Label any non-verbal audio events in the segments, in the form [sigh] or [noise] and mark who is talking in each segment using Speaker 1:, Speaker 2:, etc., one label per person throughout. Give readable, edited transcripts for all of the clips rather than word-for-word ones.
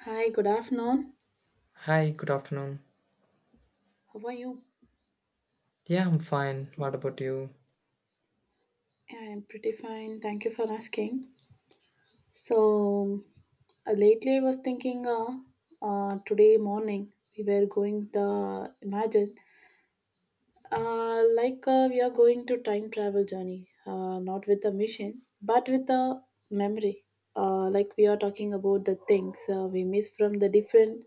Speaker 1: Hi, good afternoon.
Speaker 2: Hi, good afternoon.
Speaker 1: How are you?
Speaker 2: Yeah, I'm fine. What about you?
Speaker 1: Yeah, I'm pretty fine. Thank you for asking. So lately I was thinking today morning we were going the imagine like we are going to time travel journey not with a machine but with a memory, like we are talking about the things we miss from the different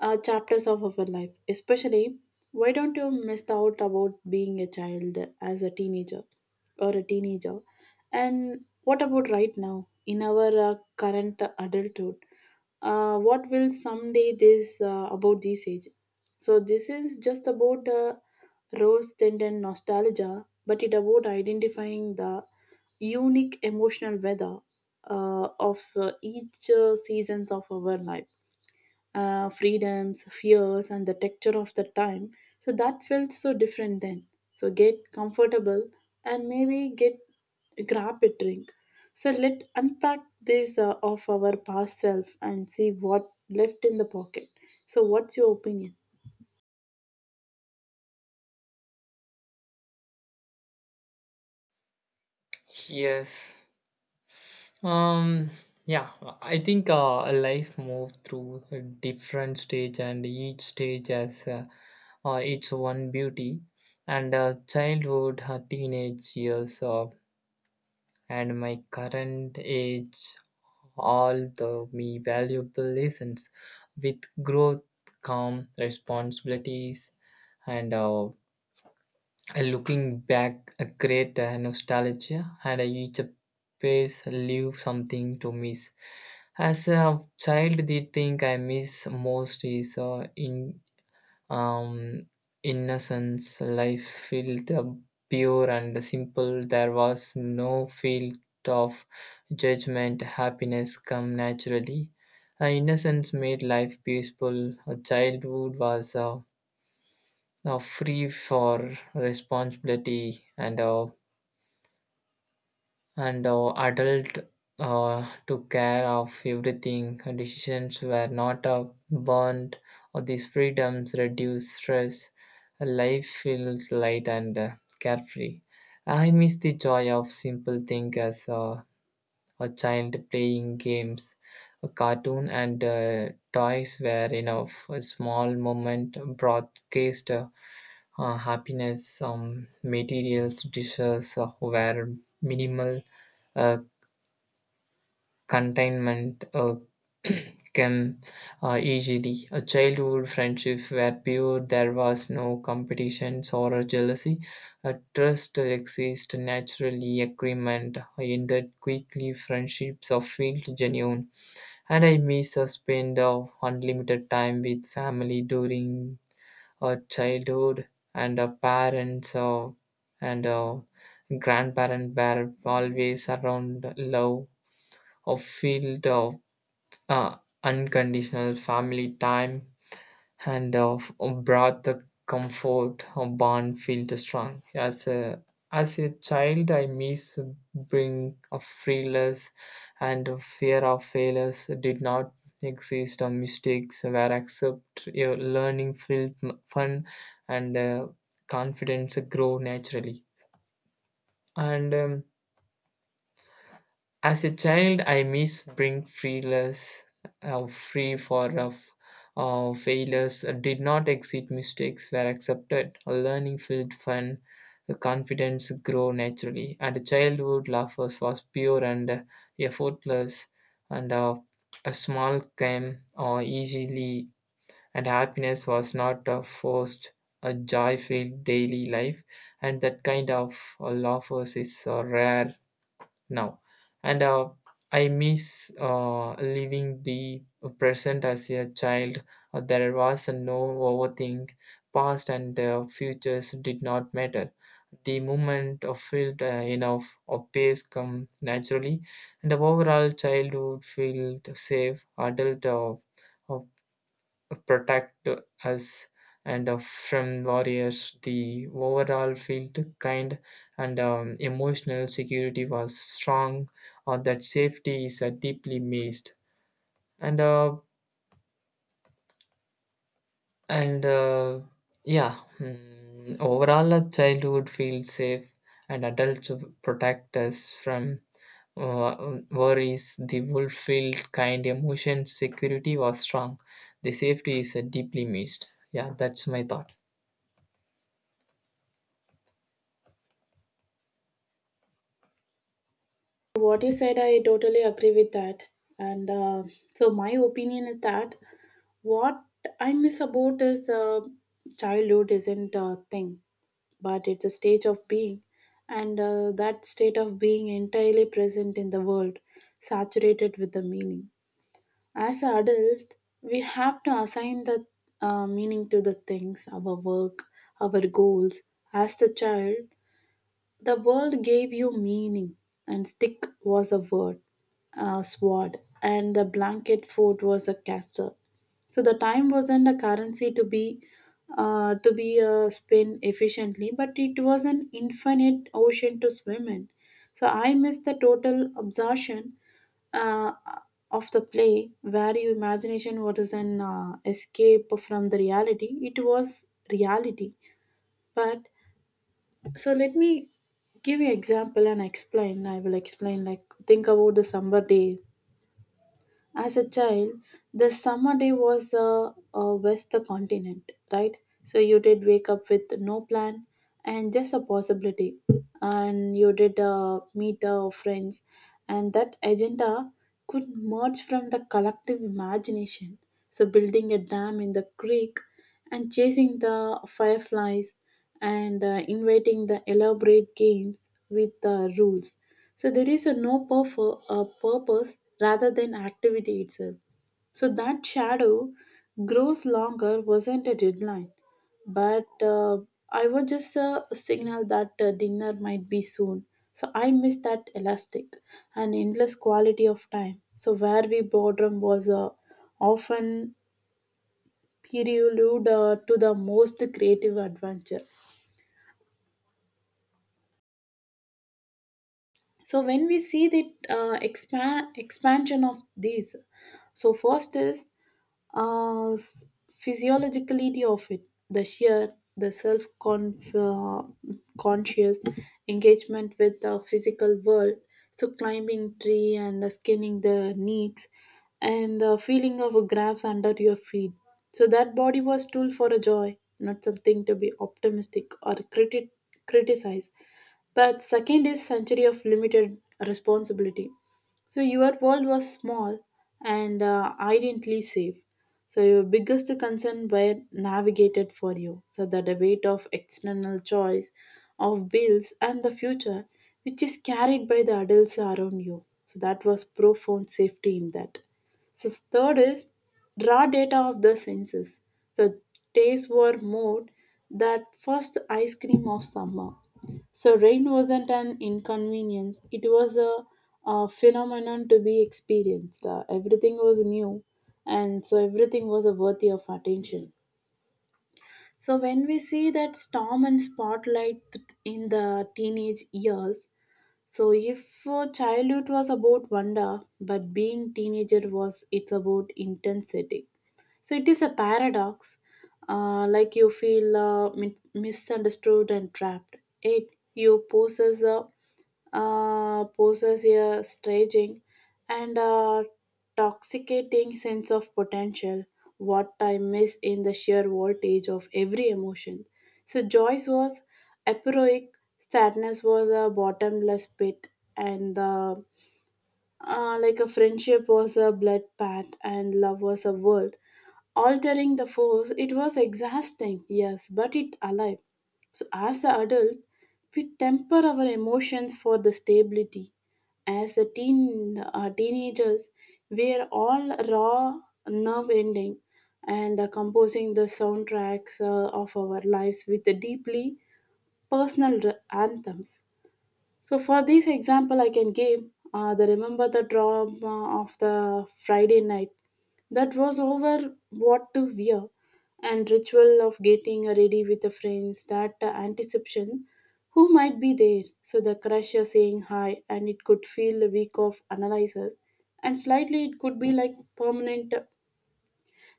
Speaker 1: chapters of our life. Especially, why don't you miss out about being a child as a teenager or a teenager? And what about right now in our current adulthood? What will someday this about this age? So this is just about the rose tendon nostalgia, but it about identifying the unique emotional weather, of each seasons of our life, freedoms, fears, and the texture of the time. So that felt so different then. So get comfortable and maybe get grab a drink. So let unpack this of our past self and see what left in the pocket. So what's your opinion?
Speaker 2: Yes. Um yeah, I think life moves through a different stage and each stage has its one beauty and childhood, teenage years and my current age all the me valuable lessons with growth come responsibilities and uh, And looking back, a great nostalgia, and each place leave something to miss. As a child, the thing I miss most is in um, innocence. Life felt pure and simple. There was no field of judgment. Happiness come naturally. Innocence made life peaceful. Childhood was free for responsibility and adult to care of everything. Decisions were not burned. Or these freedoms reduce stress. Life felt light and carefree. I miss the joy of simple things as a child playing games. A cartoon and toys were enough. A small moment broadcast. Happiness, materials dishes where minimal uh, containment came easily. A childhood friendship where pure, there was no competitions or a jealousy. A trust exists naturally, agreement ended quickly, friendships are felt genuine. And I miss a spend of unlimited time with family during a childhood, and a parents and a grandparent were always around love of field of uh, unconditional family time. And Handoff brought the comfort, a Bond felt strong. As a child, I miss bring of fearless, and a fear of failures did not exist, or mistakes were accepted. Your learning felt fun, and confidence grow naturally. And as a child, I miss being freeless, free for of failures did not exist. Mistakes were accepted. Learning felt fun. Confidence grew naturally. And childhood laughter was pure and effortless. And a small came easily. And happiness was not forced. A joy filled daily life. And that kind of laughter is rare now. And I miss living the present as a child. There was no overthink, past and futures did not matter, the moment of field enough of pace come naturally. And the overall childhood felt safe, adult uh, protect us and from warriors. The overall felt kind, and emotional security was strong, or that safety is deeply missed. And uh, and yeah, overall, a childhood feels safe, and adults protect us from worries. The wolf felt kind, emotion security was strong. The safety is deeply missed. Yeah, that's my thought.
Speaker 1: What you said, I totally agree with that. And so my opinion is that what I miss about is, childhood isn't a thing, but it's a stage of being, and that state of being entirely present in the world, saturated with the meaning. As an adult, we have to assign the meaning to the things, our work, our goals. As the child, the world gave you meaning, and stick was a word, a sword, and the blanket fort was a castle. So the time wasn't a currency to be spent efficiently, but it was an infinite ocean to swim in. So I miss the total absorption uh, of the play, where your imagination was an escape from the reality. It was reality, but so let me give you example and explain. I will explain like think about the summer day as a child. The summer day was west the continent, right? So you did wake up with no plan and just a possibility, and you did meet friends, and that agenda could merge from the collective imagination. So building a dam in the creek and chasing the fireflies and inviting the elaborate games with the rules. So there is a no purpose rather than activity itself. So that shadow grows longer wasn't a deadline, but I was just a signal that dinner might be soon. So I missed that elastic and endless quality of time. So where we boredom was often prelude to the most creative adventure. So when we see the expansion of these, so first is uh, s- physiologicality of it, the sheer, the self conscious engagement with the physical world. So climbing tree and skinning the needs and the feeling of a grabs under your feet. So that body was tool for a joy, not something to be optimistic or criticized. But second is century of limited responsibility. So your world was small and identically safe. So your biggest concern were navigated for you. So that the weight of external choice, of bills and the future, which is carried by the adults around you. So that was profound safety in that. So third is raw data of the senses. So taste were more that first ice cream of summer. So rain wasn't an inconvenience, it was a phenomenon to be experienced. Everything was new, and so everything was a worthy of attention. So when we see that storm and spotlight in the teenage years, so if childhood was about wonder, but being teenager was it's about intensity. So it is a paradox. Like you feel misunderstood and trapped. It you possess a staging and a toxicating sense of potential. What I miss in the sheer voltage of every emotion. So Joyce was aphoric, sadness was a bottomless pit, and the, like a friendship was a blood pact and love was a world. Altering the force, it was exhausting, yes, but it alive. So as an adult, we temper our emotions for the stability. As teenagers, we are all raw, nerve ending, and composing the soundtracks of our lives with the deeply personal anthems. So for this example, I can give, the remember the drama of the Friday night that was over what to wear and ritual of getting ready with the friends, that anticipation who might be there, so the crusher saying hi and it could feel a week of analysis, and slightly it could be like permanent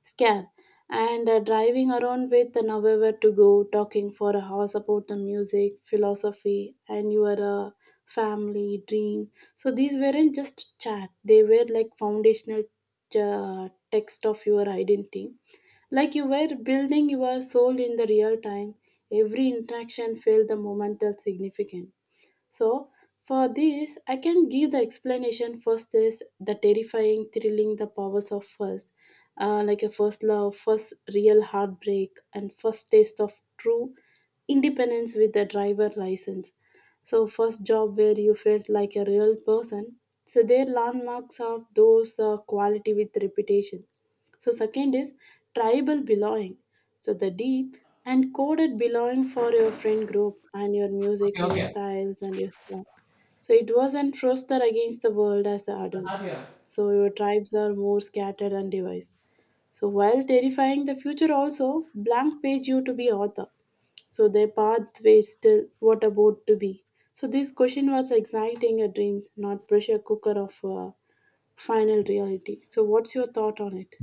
Speaker 1: scare, and driving around with nowhere to go talking for a hours about the music philosophy and your family dream. So these weren't just chat, they were like foundational uh, text of your identity, like you were building your soul in the real time. Every interaction felt the momental significant. So, for this, I can give the explanation. First is the terrifying, thrilling, the powers of first, like a first love, first real heartbreak, and first taste of true independence with the driver license. So, first job where you felt like a real person. So, their landmarks are those quality with reputation. So, second is tribal belonging. So the deep and coded belonging for your friend group and your music,
Speaker 2: Okay,
Speaker 1: your
Speaker 2: okay.
Speaker 1: styles and your song. So it wasn't roster against the world as the
Speaker 2: Have
Speaker 1: adults. So your tribes are more scattered and devised. So while terrifying the future also, blank page you to be author. So their pathway still what about to be. So this question was exciting a dreams, not pressure cooker of final reality. So what's your thought on it?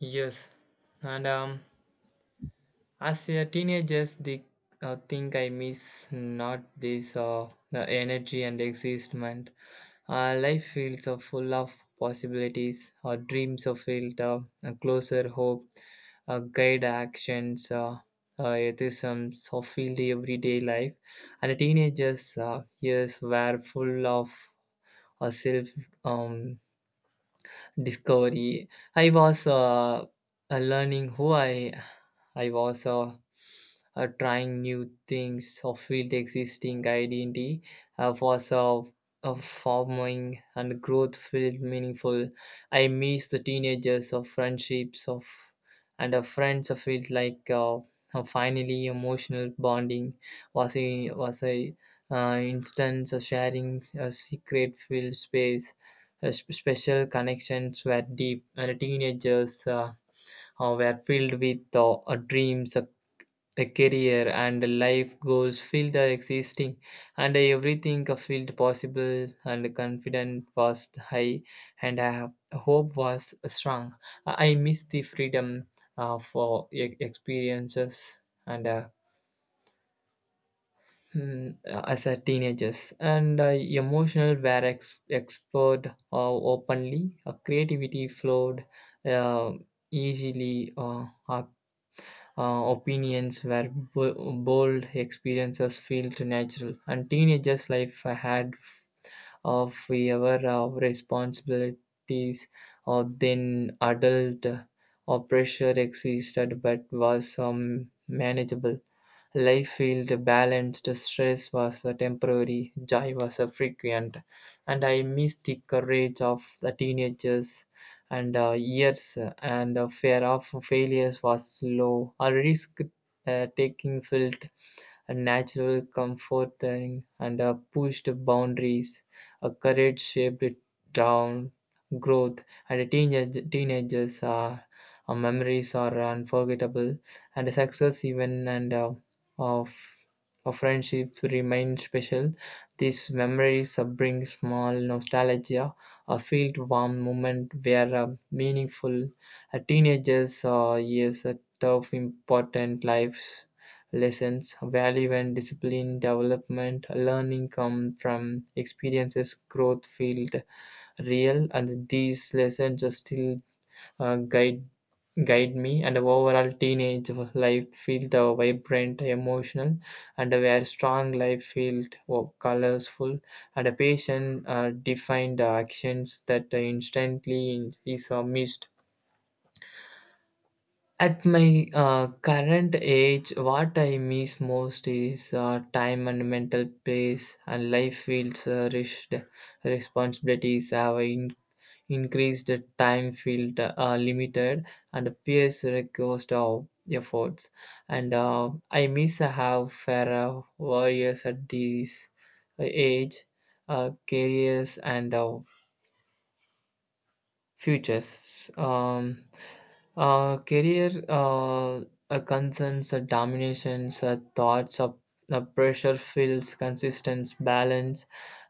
Speaker 2: Yes, and as a teenager, the thing I miss not this the energy and excitement. Life feels full of possibilities. Our dreams are filled. A closer hope, guide actions. Ethisms of field everyday life, and the teenagers years were full of self um, discovery. I was learning who I was trying new things of field existing identity was of forming, and growth felt meaningful. I miss the teenagers of friendships of and of friends. I felt like finally emotional bonding was a instance of sharing a secret filled space, special connections were deep, and teenagers were filled with dreams, a career, and life goals filled existing, and everything felt possible, and confidence was high, and hope was strong. I miss the freedom for experiences and as a teenagers and emotional were explored openly, creativity flowed uh, easily, opinions were bold, experiences felt natural, and teenagers life had of our responsibilities or then adult or pressure existed but was manageable. Life felt balanced, stress was temporary, joy was frequent. And I miss the courage of the teenagers and years, and fear of failures was low, a risk taking felt a natural, comforting, and a pushed boundaries. A courage shaped down growth, and a teenagers are memories are unforgettable, and a success even and of of friendship remain special. These memories bring small nostalgia, a filled warm moment where meaningful, a teenagers years a tough important lives lessons, value and discipline development, learning come from experiences, growth field real, and these lessons are still uh, guide guide me. And overall, teenage life felt vibrant, emotional, and a very strong, life felt oh, colorful, and a patient defined actions that instantly is missed. At my current age, what I miss most is time and mental peace, and life feels rushed. Responsibilities have increased, time felt limited, and peers request of efforts. And I miss how fairer warriors at this age, careers and futures. Career concerns, dominations, thoughts of pressure feels consistence, balance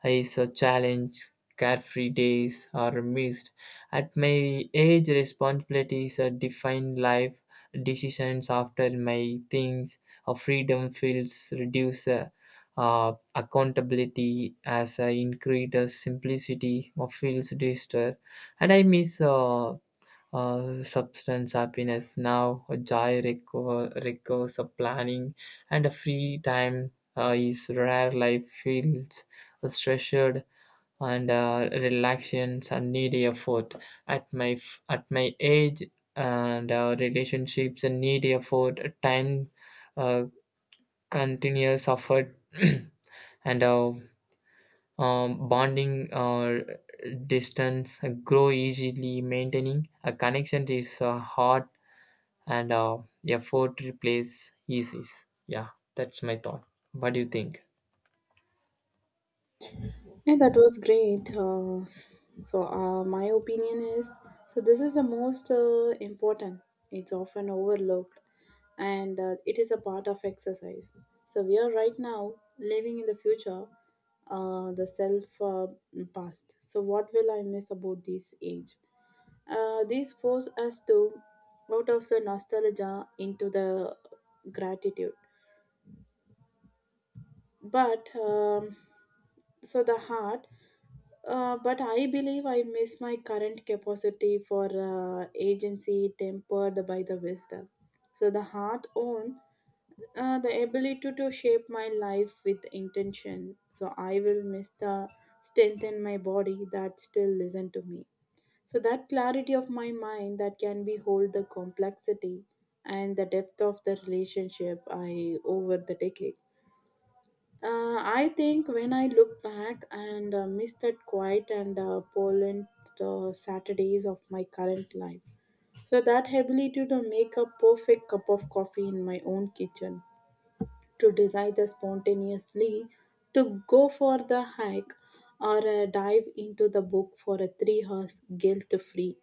Speaker 2: is a challenge, carefree days are missed. At my age, responsibilities define life, decisions after my things, freedom feels reduced. Accountability as I increase the simplicity of feels reduced, and I miss substance happiness now. A joy requires a planning, and a free time is rare. Life feels treasured and relaxations and need effort. At my age and relationships and need effort. Time uh, continuous effort [clears throat] and bonding or distance grow easily, maintaining a connection is hard, and effort replace easy. Yeah, that's my thought. What do you think?
Speaker 1: Yeah, that was great. So, my opinion is so this is the most important. It's often overlooked, and it is a part of exercise. So we are right now living in the future, the self past. So what will I miss about this age? These force us to out of the nostalgia into the gratitude, but. So the heart, but I believe I miss my current capacity for agency tempered by the wisdom. So the heart own, the ability to shape my life with intention. So I will miss the strength in my body that still listen to me. So that clarity of my mind that can be hold the complexity and the depth of the relationship I over the decade. I think when I look back and miss that quiet and polent Saturdays of my current life. So that ability to make a perfect cup of coffee in my own kitchen, to decide the spontaneously, to go for the hike or dive into the book for a 3 hours guilt-free.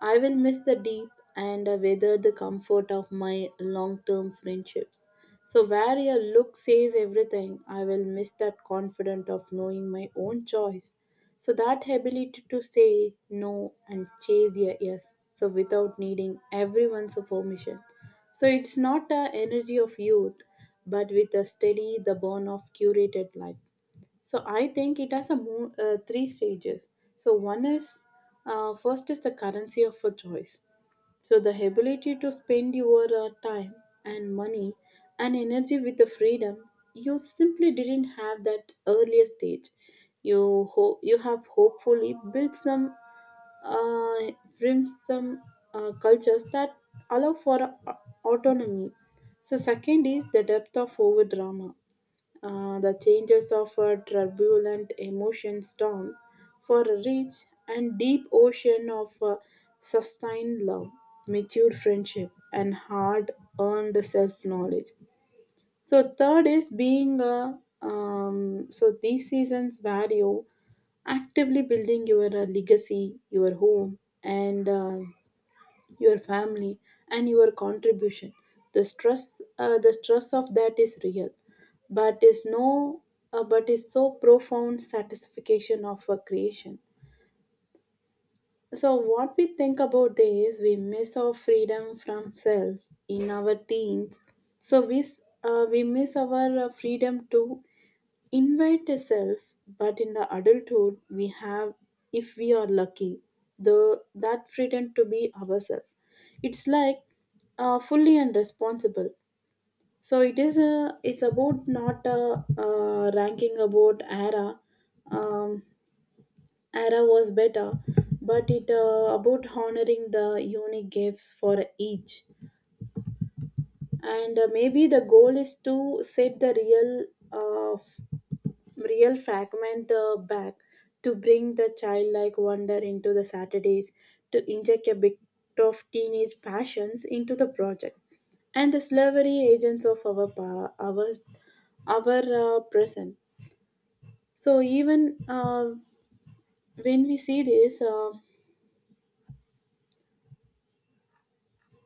Speaker 1: I will miss the deep and weather the comfort of my long term friendships. So, where your look says everything, I will miss that confident of knowing my own choice. So, that ability to say no and chase your yes, so without needing everyone's permission. So, it's not the energy of youth, but with a steady, the burn of curated life. So I think it has a three stages. So one is first is the currency of a choice. So the ability to spend your time and money and energy with the freedom you simply didn't have that earlier stage. You you have hopefully built some uh, from some cultures that allow for autonomy. So second is the depth of over drama, the changes of a turbulent emotion storms for a rich and deep ocean of sustained love, mature friendship, and hard earned self knowledge. So, third is being a so these seasons value actively building your legacy, your home, and your family and your contribution. The stress of that is real, but is no, but is so profound satisfaction of a creation. So what we think about this, we miss our freedom from self in our teens. So we miss our freedom too invite a self, but in the adulthood we have, if we are lucky, the that freedom to be ourselves. It's like fully and responsible. So it is a it's about not a, ranking about era, um, era was better, but it about honoring the unique gifts for each, and maybe the goal is to set the real, uh, real fragment back to bring the childlike wonder into the Saturdays, to inject a bit of teenage passions into the project, and the slavery agents of our our present. So even when we see this. Uh,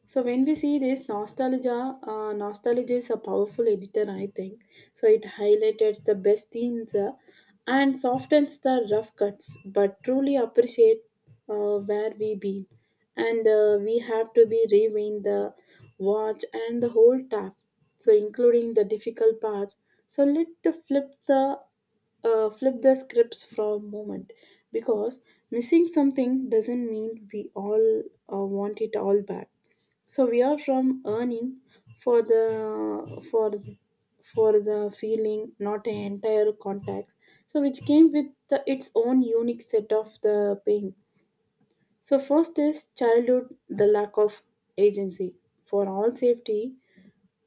Speaker 1: So when we see this nostalgia, nostalgia is a powerful editor, I think. So it highlights the best scenes and softens the rough cuts, but truly appreciate where we been. And we have to be rewind the watch and the whole tap, so including the difficult parts. So let the flip the flip the scripts for a moment because missing something doesn't mean we all want it all back so we are from earning for the for the feeling, not an entire context. So which came with the, its own unique set of the pain. So first is childhood, the lack of agency for all safety.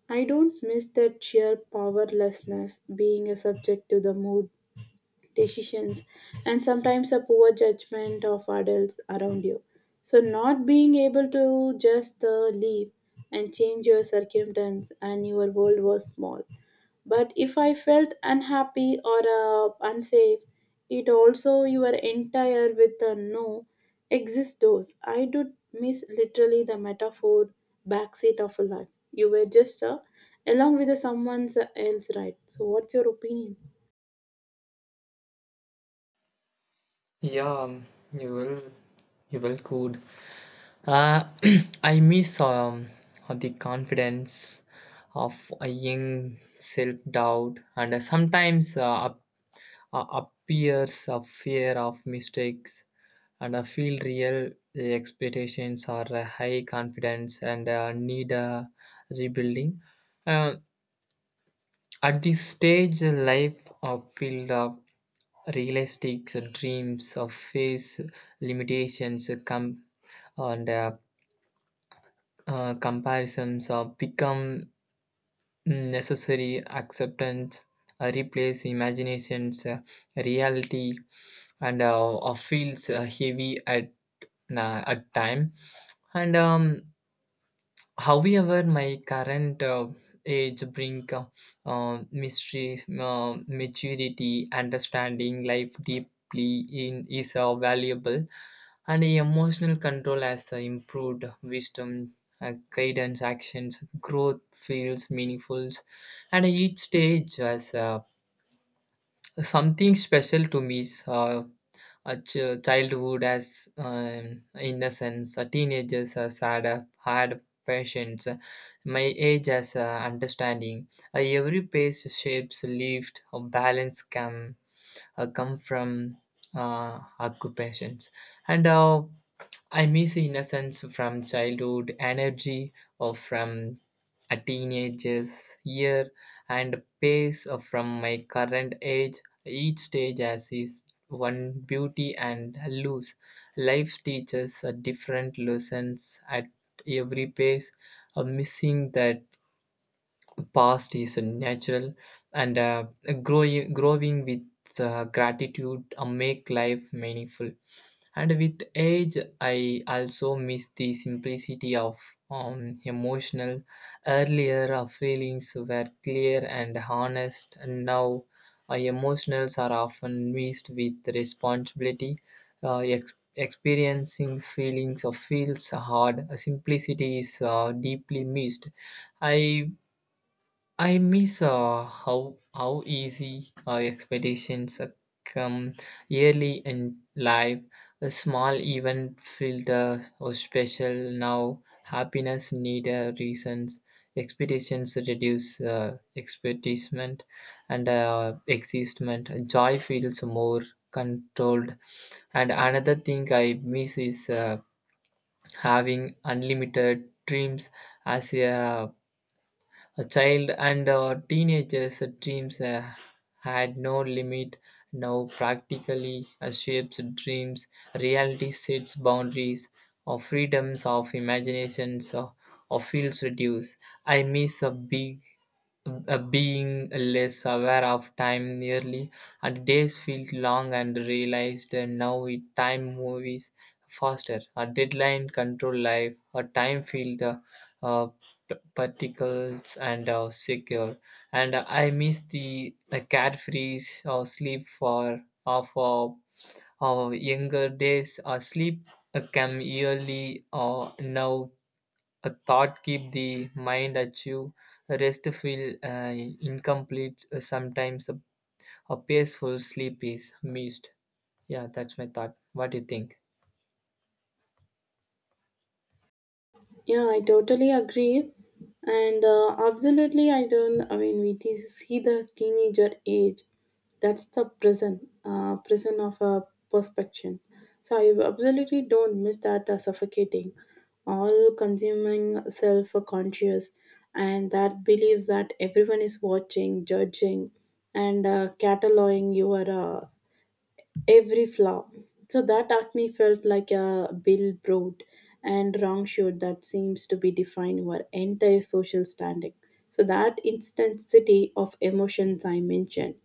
Speaker 1: I don't miss that sheer powerlessness, being a subject to the mood decisions, and sometimes a poor judgment of adults around you. So, not being able to just leave and change your circumstance and your world was small. But if I felt unhappy or unsafe, it also your entire with a no exist doors. I do miss literally the metaphor backseat of a life. You were just along with the someone else, right? So, what's your opinion?
Speaker 2: Yeah, you will you will good uh, [clears throat] I miss, the confidence of a young self-doubt and sometimes appears a fear of mistakes, and I feel real the expectations are a high confidence and need a rebuilding. Uh, at this stage, life of filled up realistic dreams of face limitations come, and comparisons are become necessary, acceptance replace imaginations, reality and feels heavy at nah, at time. And however, my current age bring mystery maturity, understanding life deeply in is valuable, and emotional control has improved, wisdom guidance actions, growth feels meaningful. And each stage has something special to me, childhood as innocence, a teenagers as had a hard patience, my age as understanding. Every pace shapes lived, a balance come come from occupations, and I miss innocence from childhood, energy or from a teenager's year, and pace from my current age. Each stage has its one beauty and loose. Life teaches a different lessons at every pace, missing that past is natural, and growing with gratitude make life meaningful. And with age I also miss the simplicity of emotional, earlier our feelings were clear and honest, and now our emotionals are often mixed with responsibility. Experiencing feelings of feels hard, simplicity is deeply missed. i I miss how easy our expectations come early in life. A small event felt or special. Now happiness need reasons. Expectations reduce expectation and existment. Joy feels more controlled. And another thing I miss is having unlimited dreams as a child and teenagers' dreams had no limit. Now, practically shapes dreams, reality sets boundaries, or freedoms of imaginations, or fields reduce. I miss a big being less aware of time nearly, and days feel long and realized, and now it time movies faster, a deadline control life, a time field uh, particles and secure. And I miss the carefree sleep for of our younger days. Sleep can yearly now a thought keep the mind achieve, rest feel incomplete sometimes, a peaceful sleep is missed. Yeah, that's my thought. What do you think?
Speaker 1: Yeah, I totally agree. And absolutely, I don't, I mean, see the teenager age. That's the prison, prison of perspection. So I absolutely don't miss that suffocating, all consuming self conscious, and that believes that everyone is watching, judging, and cataloging your uh, every flaw. So that acne felt like a billboard and wrong shoot that seems to be defining our entire social standing. So that intensity of emotions I mentioned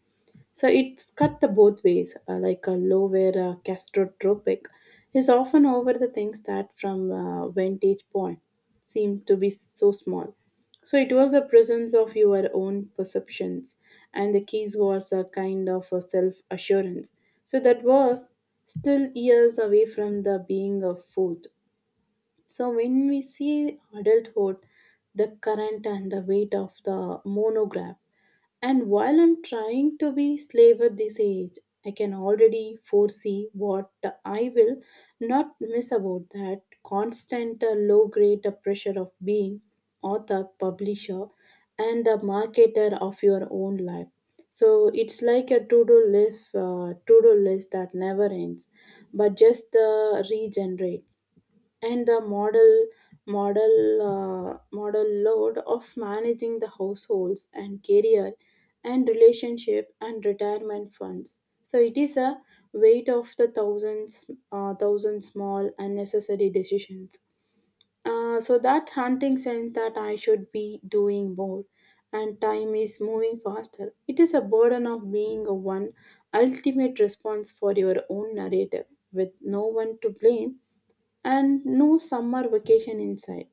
Speaker 1: so it's cut the both ways, like a low where castrotropic is often over the things that from vantage point seem to be so small. So it was the presence of your own perceptions, and the keys was a kind of a self assurance. So that was still years away from the being of food. So when we see adulthood, the current and the weight of the monograph and while I'm trying to be slave at this age, I can already foresee what I will not miss about that constant low grade pressure of being author, publisher, and the marketer of your own life. So it's like a to-do list that never ends, but just regenerate and the model model load of managing the households and career and relationship and retirement funds so it is a weight of the thousands thousand small unnecessary decisions so that hunting sense that I should be doing more and time is moving faster it is a burden of being a one ultimate response for your own narrative with no one to blame and no summer vacation inside.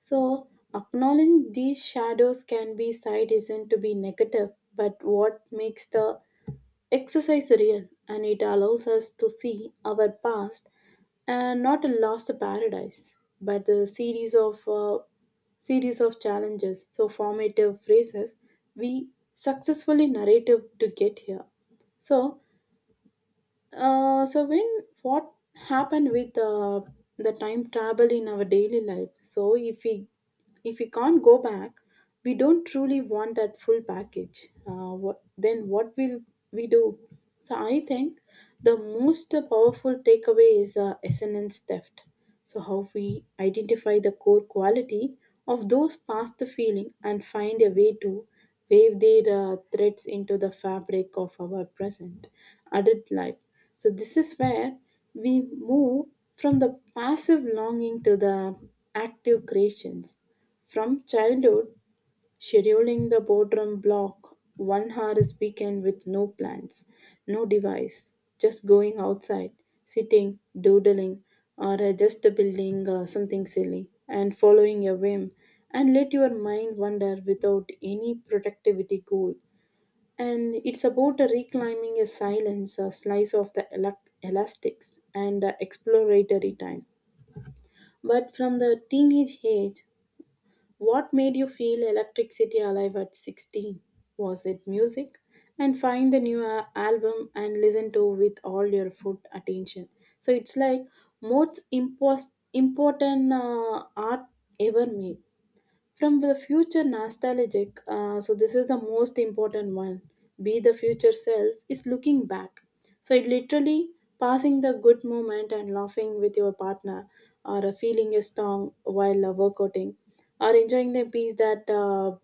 Speaker 1: So, acknowledging these shadows can be side isn't to be negative, but what makes the exercise real and it allows us to see our past and not a lost paradise, but a series of challenges. So, formative phrases we successfully narrative to get here. So, so when what happened with the time travel in our daily life? So if we can't go back, we don't truly want that full package. What then? What will we do? So I think the most powerful takeaway is essence theft. So how we identify the core quality of those past feeling and find a way to weave their threads into the fabric of our present adult life so this is where we move from the passive longing to the active creations. From childhood, scheduling the boredom block, 1 hour is weekend with no plans, no device, just going outside, sitting, doodling, or just building something silly and following a whim and let your mind wander without any productivity goal and it's about a reclaiming a silence, a slice of the elac elastics, and a exploratory time. But from the teenage age, what made you feel electricity alive at 16? Was it music? And find the new album and listen to with all your full attention. So it's like most important art ever made. From the future nostalgic, so this is the most important one. Be the future self is looking back. So it literally passing the good moment and laughing with your partner, or feeling your strong while workouting, or enjoying the peace that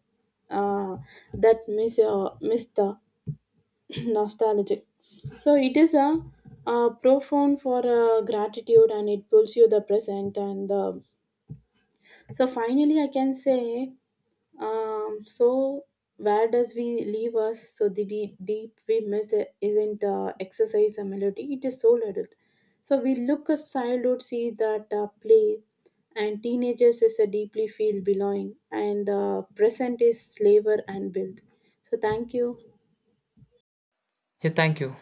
Speaker 1: uh, that miss the [clears throat] nostalgic. So it is a, profound for gratitude and it pulls you the present and. So finally, I can say so where does we leave us? So the deep we miss it isn't exercise a melody; it is soul adult. So we look a childhood, see that play, and teenagers is a deeply feel belonging, and present is flavor and build. So thank you.
Speaker 2: Yeah, thank you.